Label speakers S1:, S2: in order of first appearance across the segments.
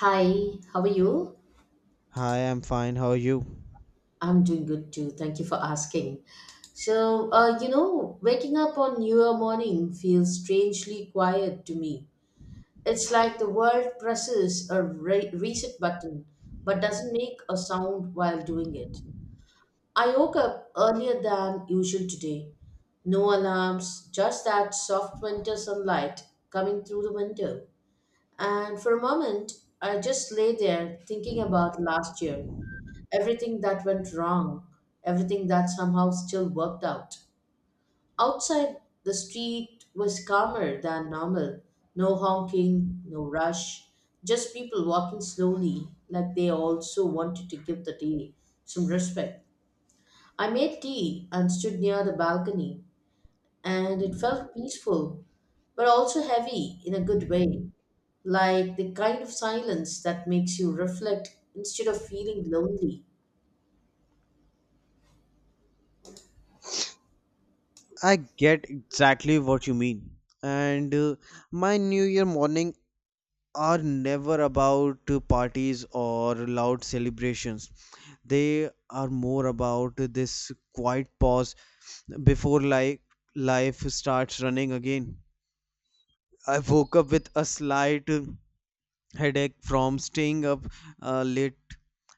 S1: Hi, how are you?
S2: Hi, I'm fine. How are you?
S1: I'm doing good too. Thank you for asking. Waking up on newer morning feels strangely quiet to me. It's like the world presses a reset button but doesn't make a sound while doing it. I woke up earlier than usual today. No alarms, just that soft winter sunlight coming through the window. And for a moment, I just lay there thinking about last year, everything that went wrong, everything that somehow still worked out. Outside, the street was calmer than normal. No honking, no rush, just people walking slowly, like they also wanted to give the day some respect. I made tea and stood near the balcony, and it felt peaceful, but also heavy in a good way, like the kind of silence that makes you reflect instead of feeling lonely.
S2: I get exactly what you mean. And My New Year morning are never about parties or loud celebrations. They are more about this quiet pause before like life starts running again. I woke up with a slight headache from staying up late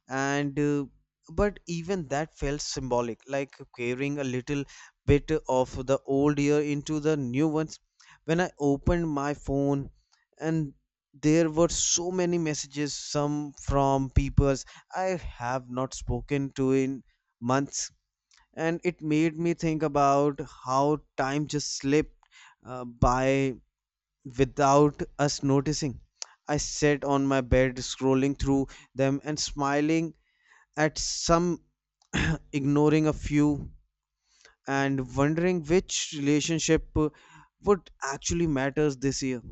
S2: and but even that felt symbolic, like carrying a little bit of the old year into the new ones. When I opened my phone, and there were so many messages, some from peoples I have not spoken to in months. And it made me think about how time just slipped by without us noticing. I sat on my bed scrolling through them and smiling at some, ignoring a few, and wondering which relationship would actually matters this year.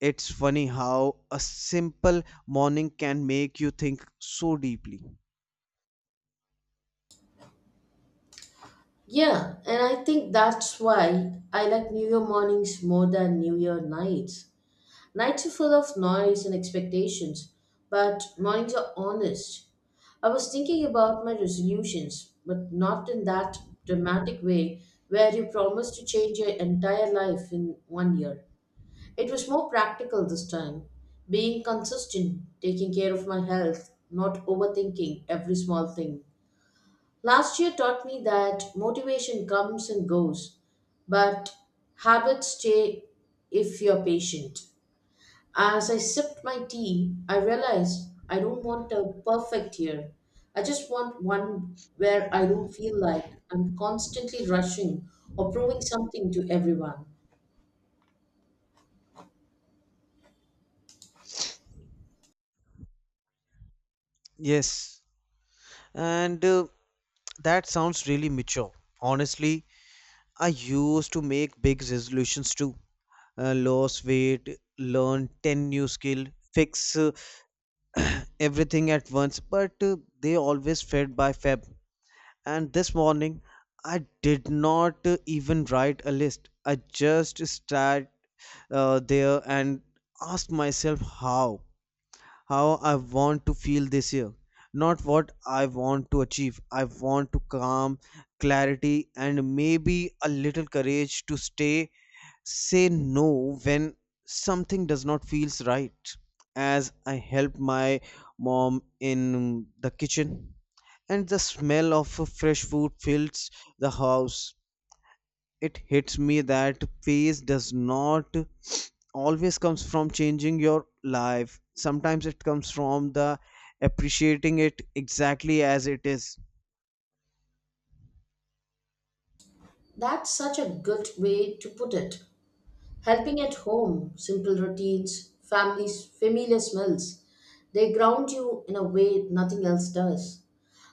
S2: It's funny how a simple morning can make you think so deeply.
S1: Yeah, and I think that's why I like New Year mornings more than New Year nights. Nights are full of noise and expectations, but mornings are honest. I was thinking about my resolutions, but not in that dramatic way where you promise to change your entire life in one year. It was more practical this time, being consistent, taking care of my health, not overthinking every small thing. Last year taught me that motivation comes and goes, but habits stay if you're patient. As I sipped my tea, I realized I don't want a perfect year. I just want one where I don't feel like I'm constantly rushing or proving something to everyone.
S2: Yes, and that sounds really mature. Honestly, I used to make big resolutions too, lose weight, learn 10 new skill, fix everything at once, but they always fed by feb. And this morning I did not even write a list. I just sat there and asked myself how how I want to feel this year, not what I want to achieve. I want to calm, clarity, and maybe a little courage to stay, say no when something does not feels right. As I helped my mom in the kitchen, and the smell of fresh food fills the house, it hits me that peace does not always comes from changing your life. Sometimes it comes from the appreciating it exactly as it is.
S1: That's such a good way to put it. Helping at home, simple routines, families, familiar smells, they ground you in a way nothing else does.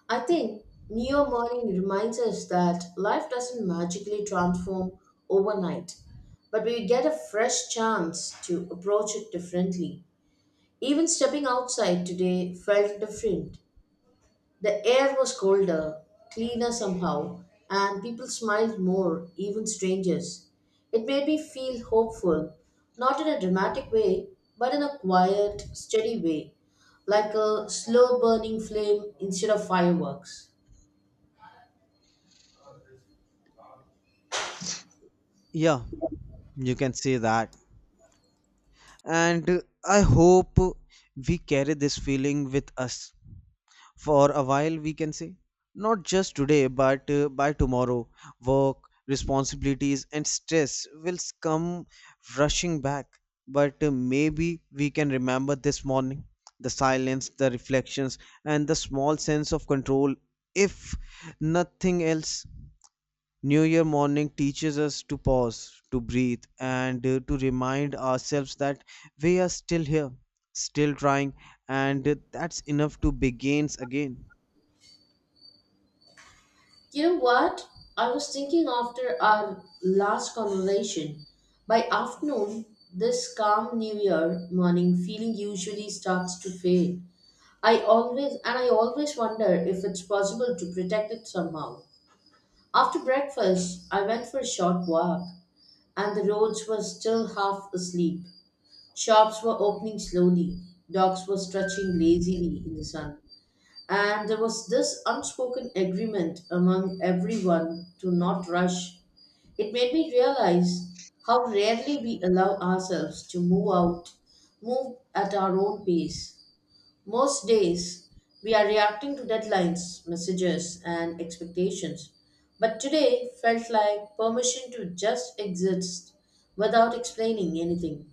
S1: I think Neo Morning reminds us that life doesn't magically transform overnight, but we get a fresh chance to approach it differently. Even stepping outside today felt different. The air was colder, cleaner somehow, and people smiled more, even strangers. It made me feel hopeful, not in a dramatic way, but in a quiet, steady way, like a slow burning flame instead of fireworks.
S2: Yeah, you can say that. And I hope we carry this feeling with us for a while, we can say, not just today, but by tomorrow work, responsibilities, and stress will come rushing back. But maybe we can remember this morning, the silence, the reflections, and the small sense of control. If nothing else, New Year morning teaches us to pause, to breathe, and to remind ourselves that we are still here, still trying, and that's enough to begin again.
S1: You know what? I was thinking after our last conversation. By afternoon, this calm New Year morning feeling usually starts to fade. I always wonder if it's possible to protect it somehow. After breakfast, I went for a short walk, and the roads were still half asleep. Shops were opening slowly. Dogs were stretching lazily in the sun. And there was this unspoken agreement among everyone to not rush. It made me realize how rarely we allow ourselves to move at our own pace. Most days, we are reacting to deadlines, messages, and expectations. But today felt like permission to just exist without explaining anything.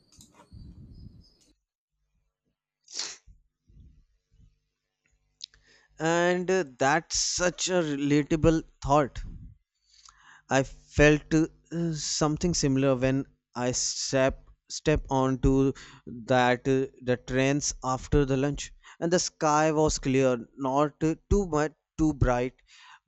S2: And That's such a relatable thought. I felt something similar when I step step onto that the trains after the lunch, and the sky was clear, not too much too bright,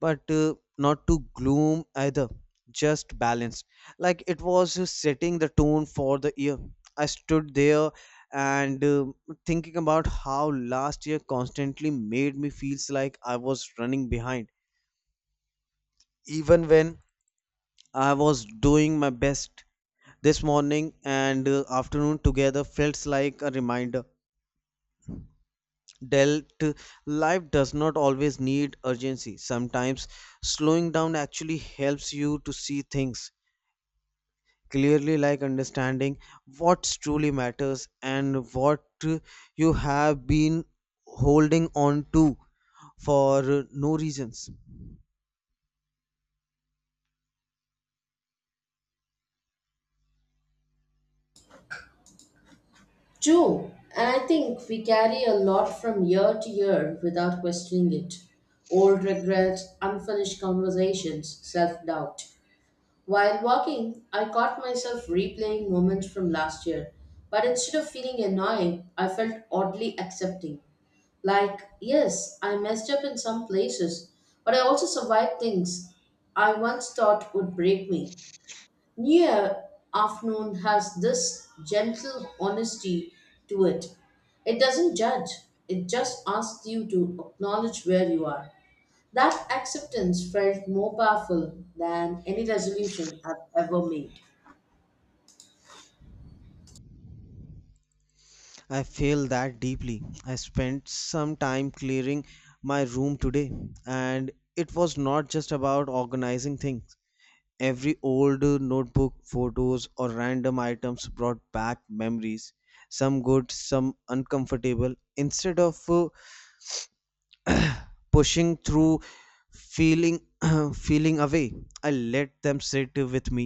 S2: but not too gloom either, just balanced. Like it was setting the tone for the year. I stood there and thinking about how last year constantly made me feels like I was running behind, even when I was doing my best. This morning and afternoon together felt like a reminder that life does not always need urgency. Sometimes slowing down actually helps you to see things clearly, like understanding what truly matters and what you have been holding on to for no reasons.
S1: True, and I think we carry a lot from year to year without questioning it. Old regrets, unfinished conversations, self doubt. While walking, I caught myself replaying moments from last year, but instead of feeling annoyed, I felt oddly accepting. Like, yes, I messed up in some places, but I also survived things I once thought would break me. Near Afternoon has this gentle honesty to it. It doesn't judge, it just asks you to acknowledge where you are. That acceptance felt more powerful than any resolution I've ever made.
S2: I feel that deeply. I spent some time clearing my room today, and it was not just about organizing things. Every old notebook, photos, or random items brought back memories, some good, some uncomfortable. Instead of pushing through feeling feeling away, I let them sit with me,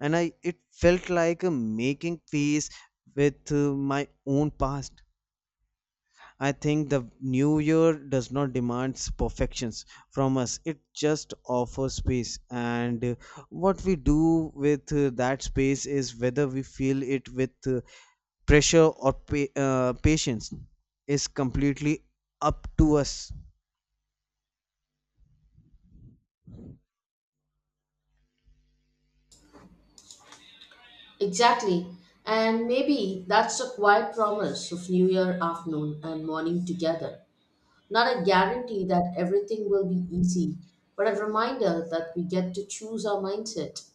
S2: and I it felt like making peace with my own past. I think the new year does not demand perfections from us. It just offers space, and what we do with that space, is whether we fill it with pressure or patience, is completely up to us.
S1: Exactly. And maybe that's a quiet promise of New Year afternoon and morning together. Not a guarantee that everything will be easy, but a reminder that we get to choose our mindset.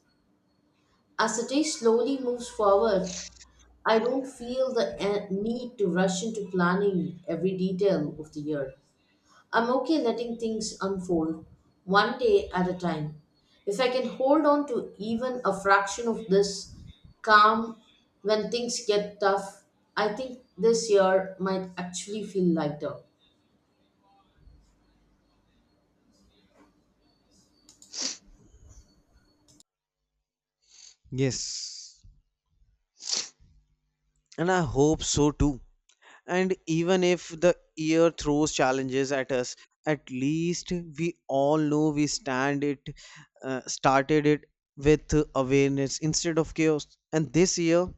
S1: As the day slowly moves forward, I don't feel the need to rush into planning every detail of the year. I'm okay letting things unfold one day at a time. If I can hold on to even a fraction of this calm when things get tough, I think this year might actually feel lighter.
S2: Yes, and I hope so too. And even if the year throws challenges at us, at least we all know we stand it, started it with awareness instead of chaos. And this year,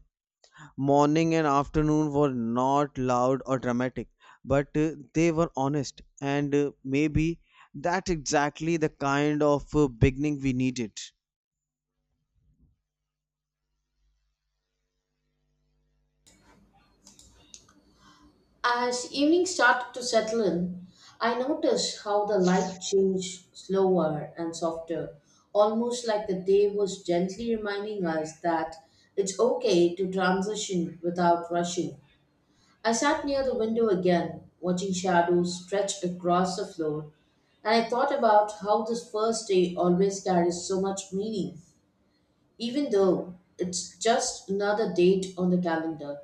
S2: morning and afternoon were not loud or dramatic, but they were honest. And Maybe that's exactly the kind of beginning we needed.
S1: As evening started to settle in, I noticed how the light changed slower and softer, almost like the day was gently reminding us that it's okay to transition without rushing. I sat near the window again, watching shadows stretch across the floor, and I thought about how this first day always carries so much meaning. Even though it's just another date on the calendar,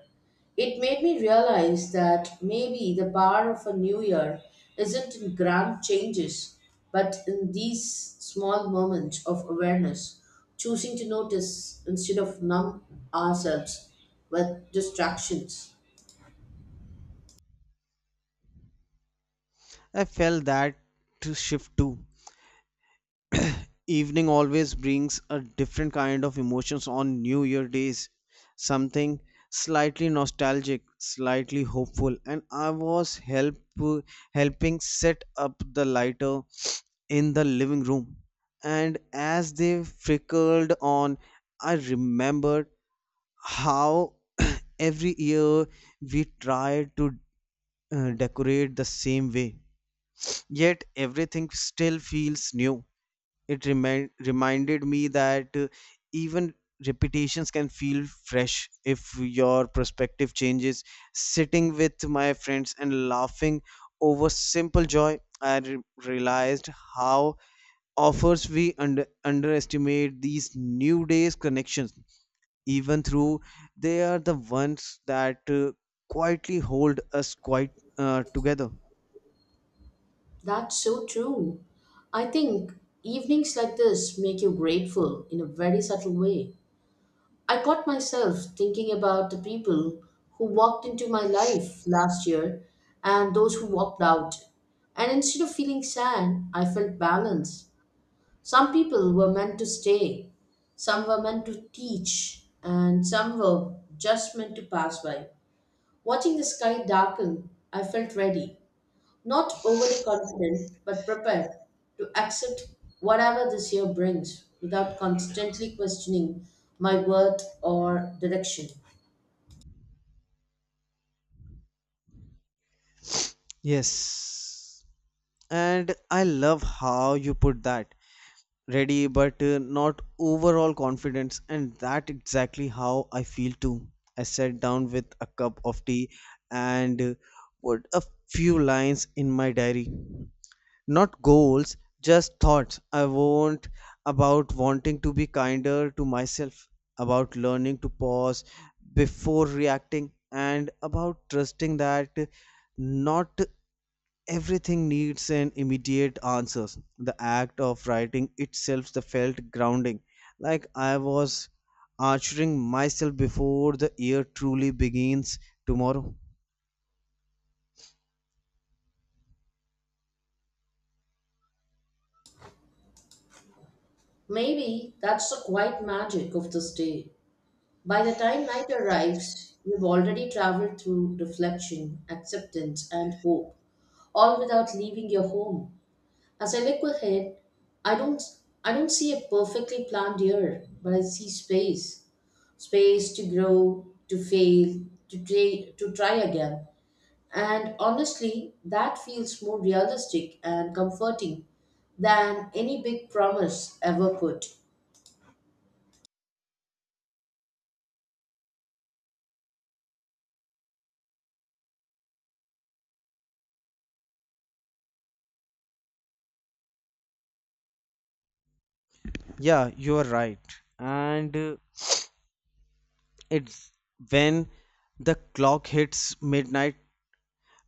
S1: it made me realize that maybe the power of a new year isn't in grand changes, but in these small moments of awareness, choosing to notice instead of numb ourselves with distractions.
S2: I felt that shift too. Evening always brings a different kind of emotions on new year days, something slightly nostalgic, slightly hopeful. And I was help helping set up the lighter in the living room, and as they flickered on, I remembered how every year we try to decorate the same way, yet everything still feels new. It reminded me that even repetitions can feel fresh if your perspective changes. Sitting with my friends and laughing over simple joy, realized how offers we underestimate these new days connections, even through they are the ones that quietly hold us quite together.
S1: That's so true. I think evenings like this make you grateful in a very subtle way. I caught myself thinking about the people who walked into my life last year and those who walked out. And instead of feeling sad, I felt balanced. Some people were meant to stay, some were meant to teach, and some were just meant to pass by. Watching the sky darken, I felt ready. Not overly confident, but prepared to accept whatever this year brings without constantly questioning my worth or direction.
S2: Yes, and I love how you put that, ready but not overall confidence, and that exactly how I feel too. I sat down with a cup of tea and put a few lines in my diary, not goals, just thoughts I want about wanting to be kinder to myself, about learning to pause before reacting, and about trusting that not everything needs an immediate answers. The act of writing itself the felt grounding, like I was answering myself before the year truly begins tomorrow.
S1: Maybe that's the quiet magic of this day. By the time night arrives, you've already traveled through reflection, acceptance, and hope, all without leaving your home. As I look ahead, I don't I don't see a perfectly planned year, but I see space to grow, to fail, to try again. And honestly, that feels more realistic and comforting than any big promise ever could.
S2: Yeah, you are right. and It's when the clock hits midnight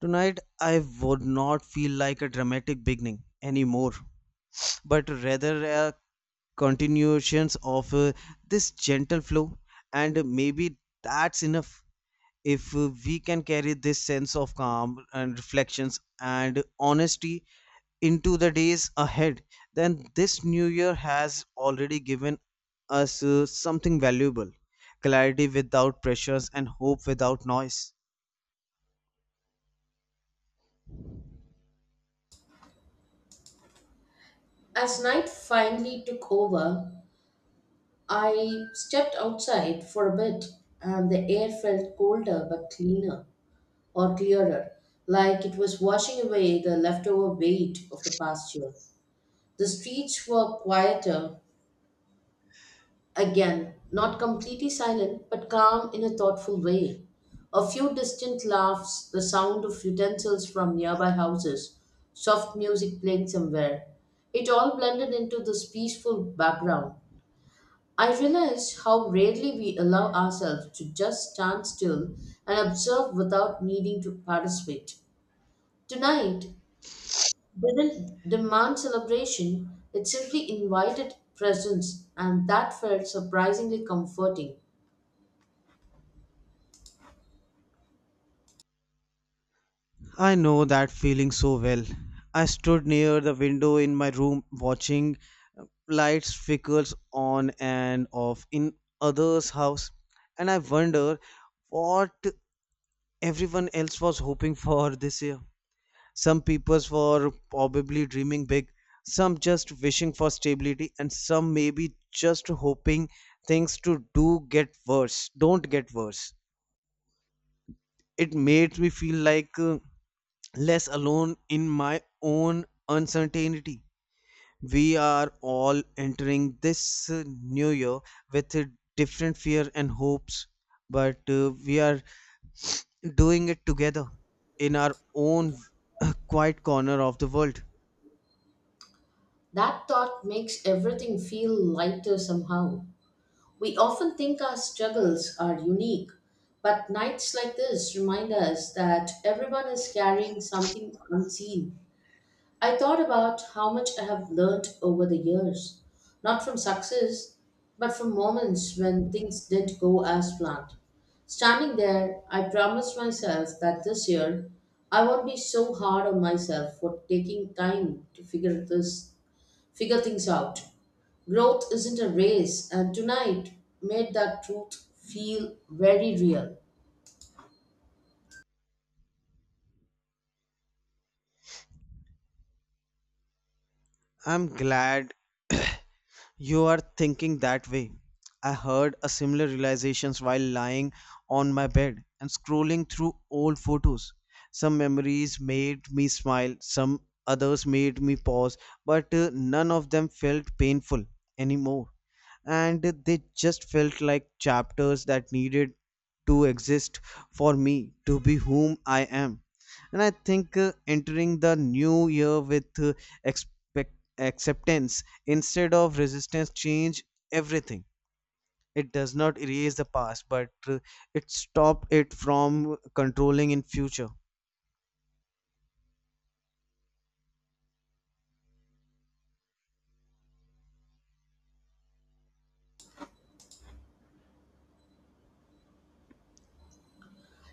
S2: tonight, I would not feel like a dramatic beginning anymore, but rather a continuations of this gentle flow. And maybe that's enough. If we can carry this sense of calm and reflections and honesty into the days ahead, then this new year has already given us something valuable, clarity without pressures and hope without noise.
S1: As night finally took over, I stepped outside for a bit and the air felt colder but cleaner or clearer, like it was washing away the leftover weight of the past year. The streets were quieter again, not completely silent, but calm in a thoughtful way. A few distant laughs, the sound of utensils from nearby houses, soft music playing somewhere. It all blended into this peaceful background. I realized how rarely we allow ourselves to just stand still and observe without needing to participate. Tonight didn't demand celebration, it simply invited presence, and that felt surprisingly comforting.
S2: I know that feeling so well. I stood near the window in my room watching lights flickers on and off in others' house, and I wonder what everyone else was hoping for this year. Some people were probably dreaming big, some just wishing for stability, and some maybe just hoping things to do get worse, don't get worse. It made me feel like less alone in my own uncertainty. We are all entering this new year with different fear and hopes, but we are doing it together in our own quiet corner of the world.
S1: That thought makes everything feel lighter somehow. We often think our struggles are unique, but nights like this remind us that everyone is carrying something unseen. I thought about how much I have learned over the years, not from success, but from moments when things didn't go as planned. Standing there, I promised myself that this year I won't be so hard on myself for taking time to figure things out. Growth isn't a race, and tonight made that truth feel very real.
S2: I'm glad you are thinking that way. I heard a similar realizations while lying on my bed and scrolling through old photos. Some memories made me smile, some others made me pause, but none of them felt painful anymore. And they just felt like chapters that needed to exist for me to be whom I am. And I think entering the new year with expect acceptance instead of resistance change everything. It does not erase the past, but uh, it stop it from controlling in future.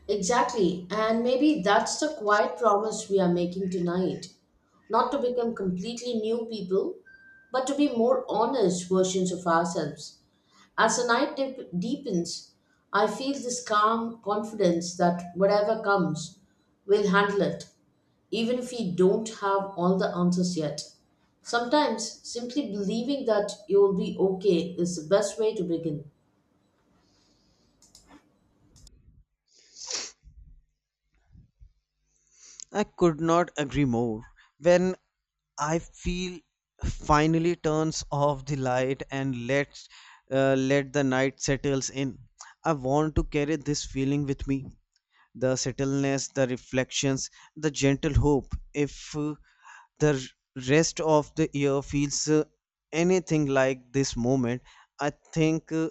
S1: Exactly, and maybe that's the quiet promise we are making tonight. Not to become completely new people, but to be more honest versions of ourselves. As the night deepens, I feel this calm confidence that whatever comes, we'll handle it, even if we don't have all the answers yet. Sometimes simply believing that you will be okay is the best way to begin.
S2: I could not agree more. When I feel finally turns off the light and lets let the night settles in, I want to carry this feeling with me, the subtleness, the reflections, the gentle hope. If the rest of the year feels anything like this moment, I think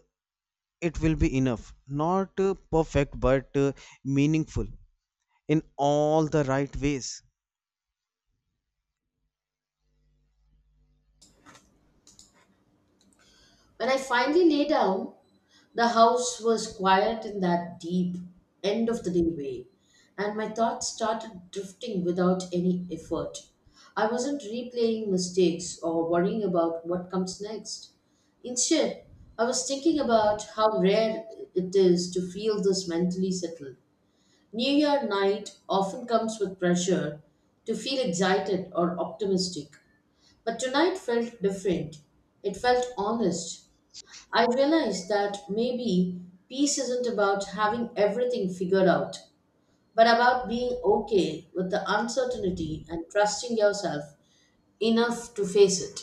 S2: it will be enough. Not perfect, but meaningful in all the right ways.
S1: When I finally lay down, the house was quiet in that deep, end of the day way, and my thoughts started drifting without any effort. I wasn't replaying mistakes or worrying about what comes next. Instead, I was thinking about how rare it is to feel this mentally settled. New Year night often comes with pressure to feel excited or optimistic, but tonight felt different. It felt honest. I realized that maybe peace isn't about having everything figured out, but about being okay with the uncertainty and trusting yourself enough to face it.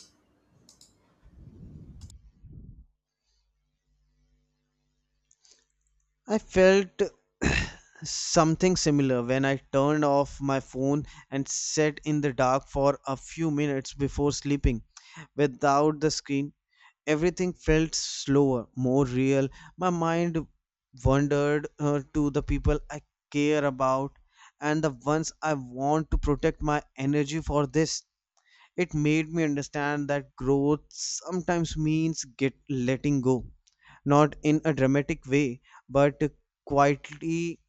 S2: I felt something similar when I turned off my phone and sat in the dark for a few minutes before sleeping. Without the screen, everything felt slower, more real. My mind wandered to the people I care about and the ones I want to protect my energy for. This it made me understand that growth sometimes means get letting go, not in a dramatic way, but quietly,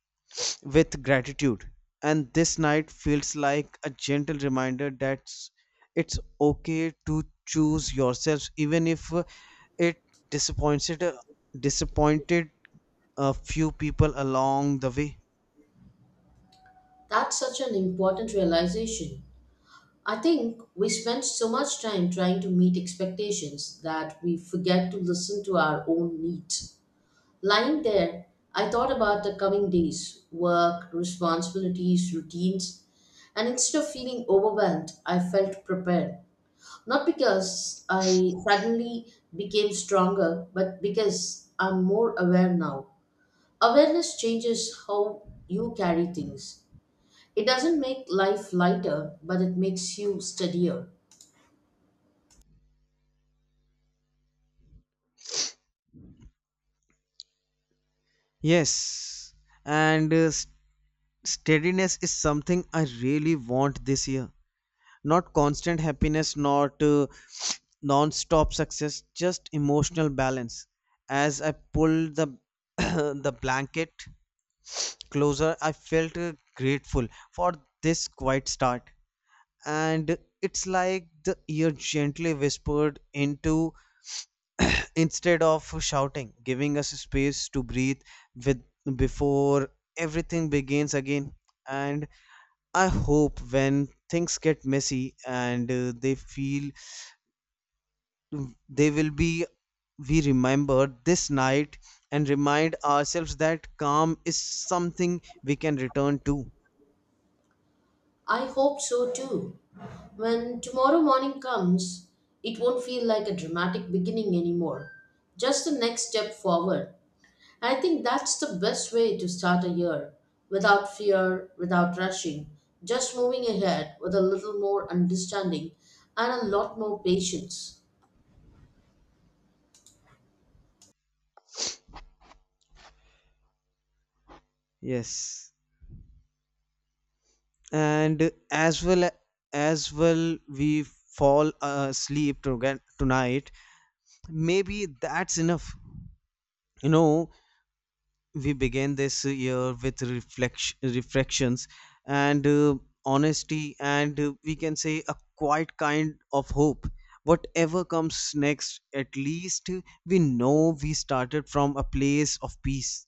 S2: with gratitude. And this night feels like a gentle reminder that it's okay to choose yourselves, even if it disappointed disappointed a few people along the way.
S1: That's such an important realization. I think we spend so much time trying to meet expectations that we forget to listen to our own needs. Lying there, I thought about the coming days work, responsibilities, routines, and instead of feeling overwhelmed, I felt prepared. Not because I suddenly became stronger, but because I'm more aware now. Awareness changes how you carry things. It doesn't make life lighter, but it makes you steadier.
S2: Yes, and uh, s- steadiness is something I really want this year. Not constant happiness, not non-stop success, just emotional balance. As I pulled the the blanket closer, I felt grateful for this quiet start. And it's like the ear gently whispered into, instead of shouting, giving us space to breathe with before everything begins again. And I hope when things get messy, and they feel, they will be, we remember this night and remind ourselves that calm is something we can return to.
S1: I hope so too. When tomorrow morning comes, it won't feel like a dramatic beginning anymore, just the next step forward. I think that's the best way to start a year without fear, without rushing, just moving ahead with a little more understanding and a lot more patience.
S2: Yes, and as well as well we fall asleep tonight, maybe that's enough. you know we began this year with reflections and honesty, and we can say a quiet kind of hope. Whatever comes next, at least we know we started from a place of peace.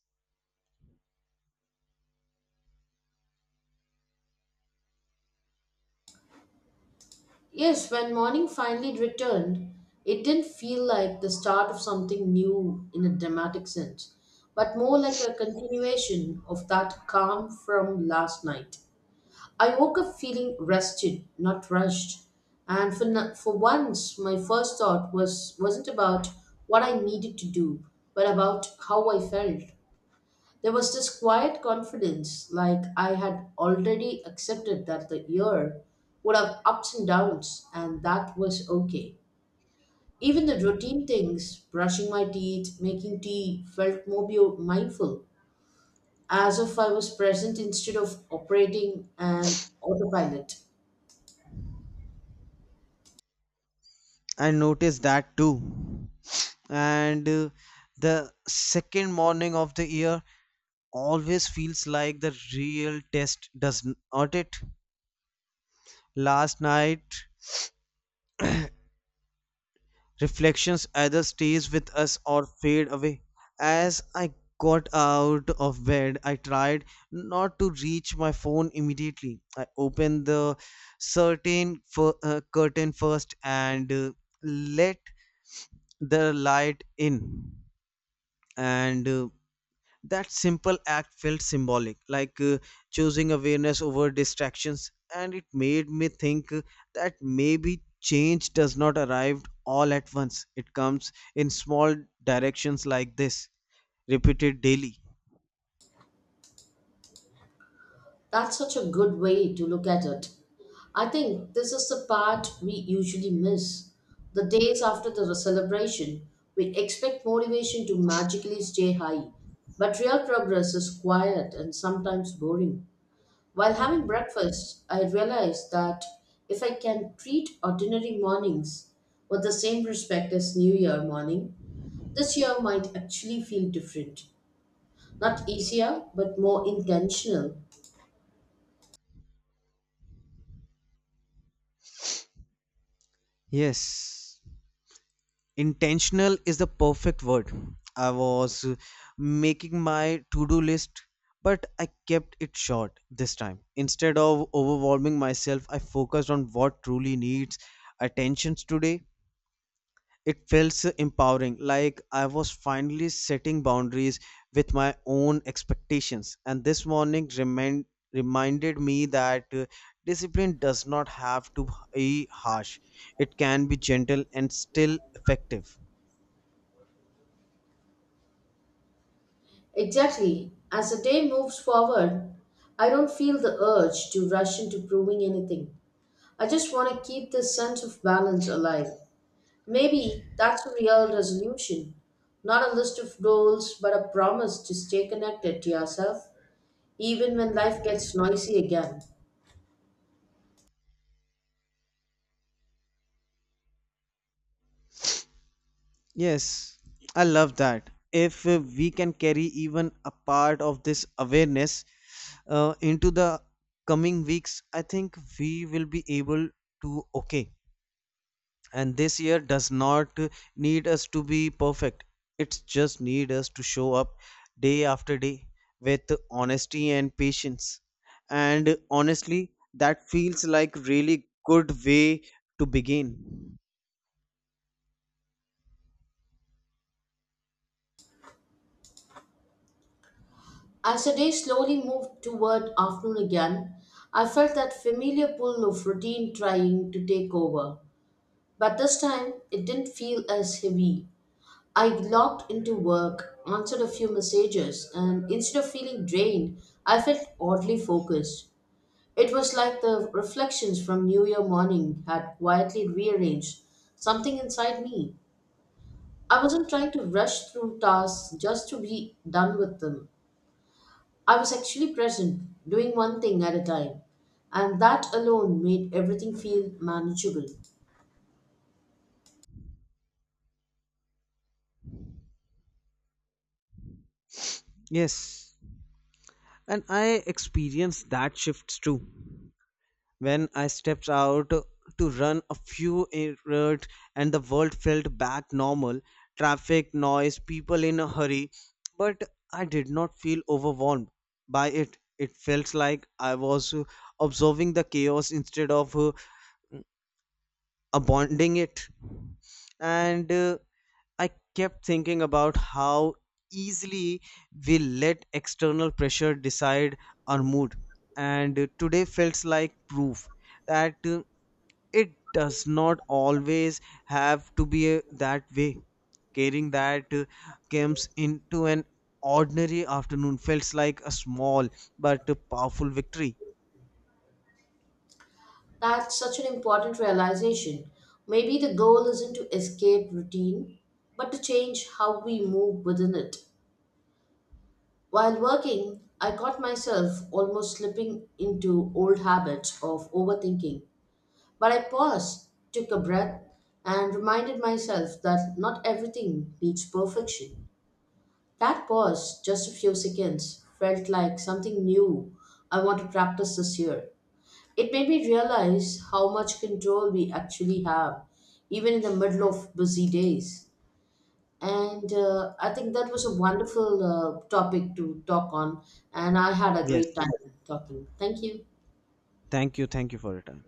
S1: Yes, when morning finally returned, it didn't feel like the start of something new in a dramatic sense, but more like a continuation of that calm from last night. I woke up feeling rested, not rushed, and for, no- for once, my first wasn't about what I needed to do, but about how I felt. There was this quiet confidence, like I had already accepted that the year would have ups and downs, and that was okay. Even the routine things, brushing my teeth, making tea, felt more mindful, as if I was present instead of operating an autopilot.
S2: I noticed that too. And The second morning of the year always feels like the real test, does not it. Last night reflections either stays with us or fade away. As I got out of bed, I tried not to reach my phone immediately. I opened the curtain first and let the light in. And That simple act felt symbolic, like choosing awareness over distractions. And it made me think that maybe change does not arrive all at once, it comes in small directions like this, repeated daily.
S1: That's such a good way to look at it. I think this is the part we usually miss. The days after the celebration, we expect motivation to magically stay high. But real progress is quiet and sometimes boring. While having breakfast, I realized that if I can treat ordinary mornings with the same respect as New Year morning, this year might actually feel different. Not easier, but more intentional.
S2: Yes, intentional is the perfect word. I was making my to-do list, but I kept it short this time. Instead of overwhelming myself, I focused on what truly needs attention today. It felt empowering, like I was finally setting boundaries with my own expectations. And this morning reminded me that discipline does not have to be harsh, it can be gentle and still effective.
S1: Exactly. As the day moves forward, I don't feel the urge to rush into proving anything. I just want to keep this sense of balance alive. Maybe that's a real resolution. Not a list of goals, but a promise to stay connected to yourself even when life gets noisy again.
S2: Yes, I love that. If we can carry even a part of this awareness into the coming weeks, I think we will be able to okay. And this year does not need us to be perfect. It just need us to show up day after day with honesty and patience. And honestly, that feels like really good way to begin.
S1: As the day slowly moved toward afternoon again, I felt that familiar pull of routine trying to take over. But this time, it didn't feel as heavy. I logged into work, answered a few messages, and instead of feeling drained, I felt oddly focused. It was like the reflections from New Year morning had quietly rearranged something inside me. I wasn't trying to rush through tasks just to be done with them. I was actually present, doing one thing at a time, and that alone made everything feel manageable.
S2: Yes. And I experienced that shift too. When I stepped out to run a few errands and the world felt back normal, traffic, noise, people in a hurry, but I did not feel overwhelmed by it. It felt like I was observing the chaos instead of abandoning it. And I kept thinking about how easily we let external pressure decide our mood. And Today felt like proof that it does not always have to be that way. Caring that comes into an ordinary afternoon felt like a small but powerful victory.
S1: That's such an important realization. Maybe the goal isn't to escape routine, but to change how we move within it. While working, I caught myself almost slipping into old habits of overthinking. But I paused, took a breath, and reminded myself that not everything needs perfection. That pause, just a few seconds, felt like something new I want to practice this year. It made me realize how much control we actually have, even in the middle of busy days. And I think that was a wonderful topic to talk on, and I had a great time
S2: Yes,
S1: talking. Thank you.
S2: thank you for your time.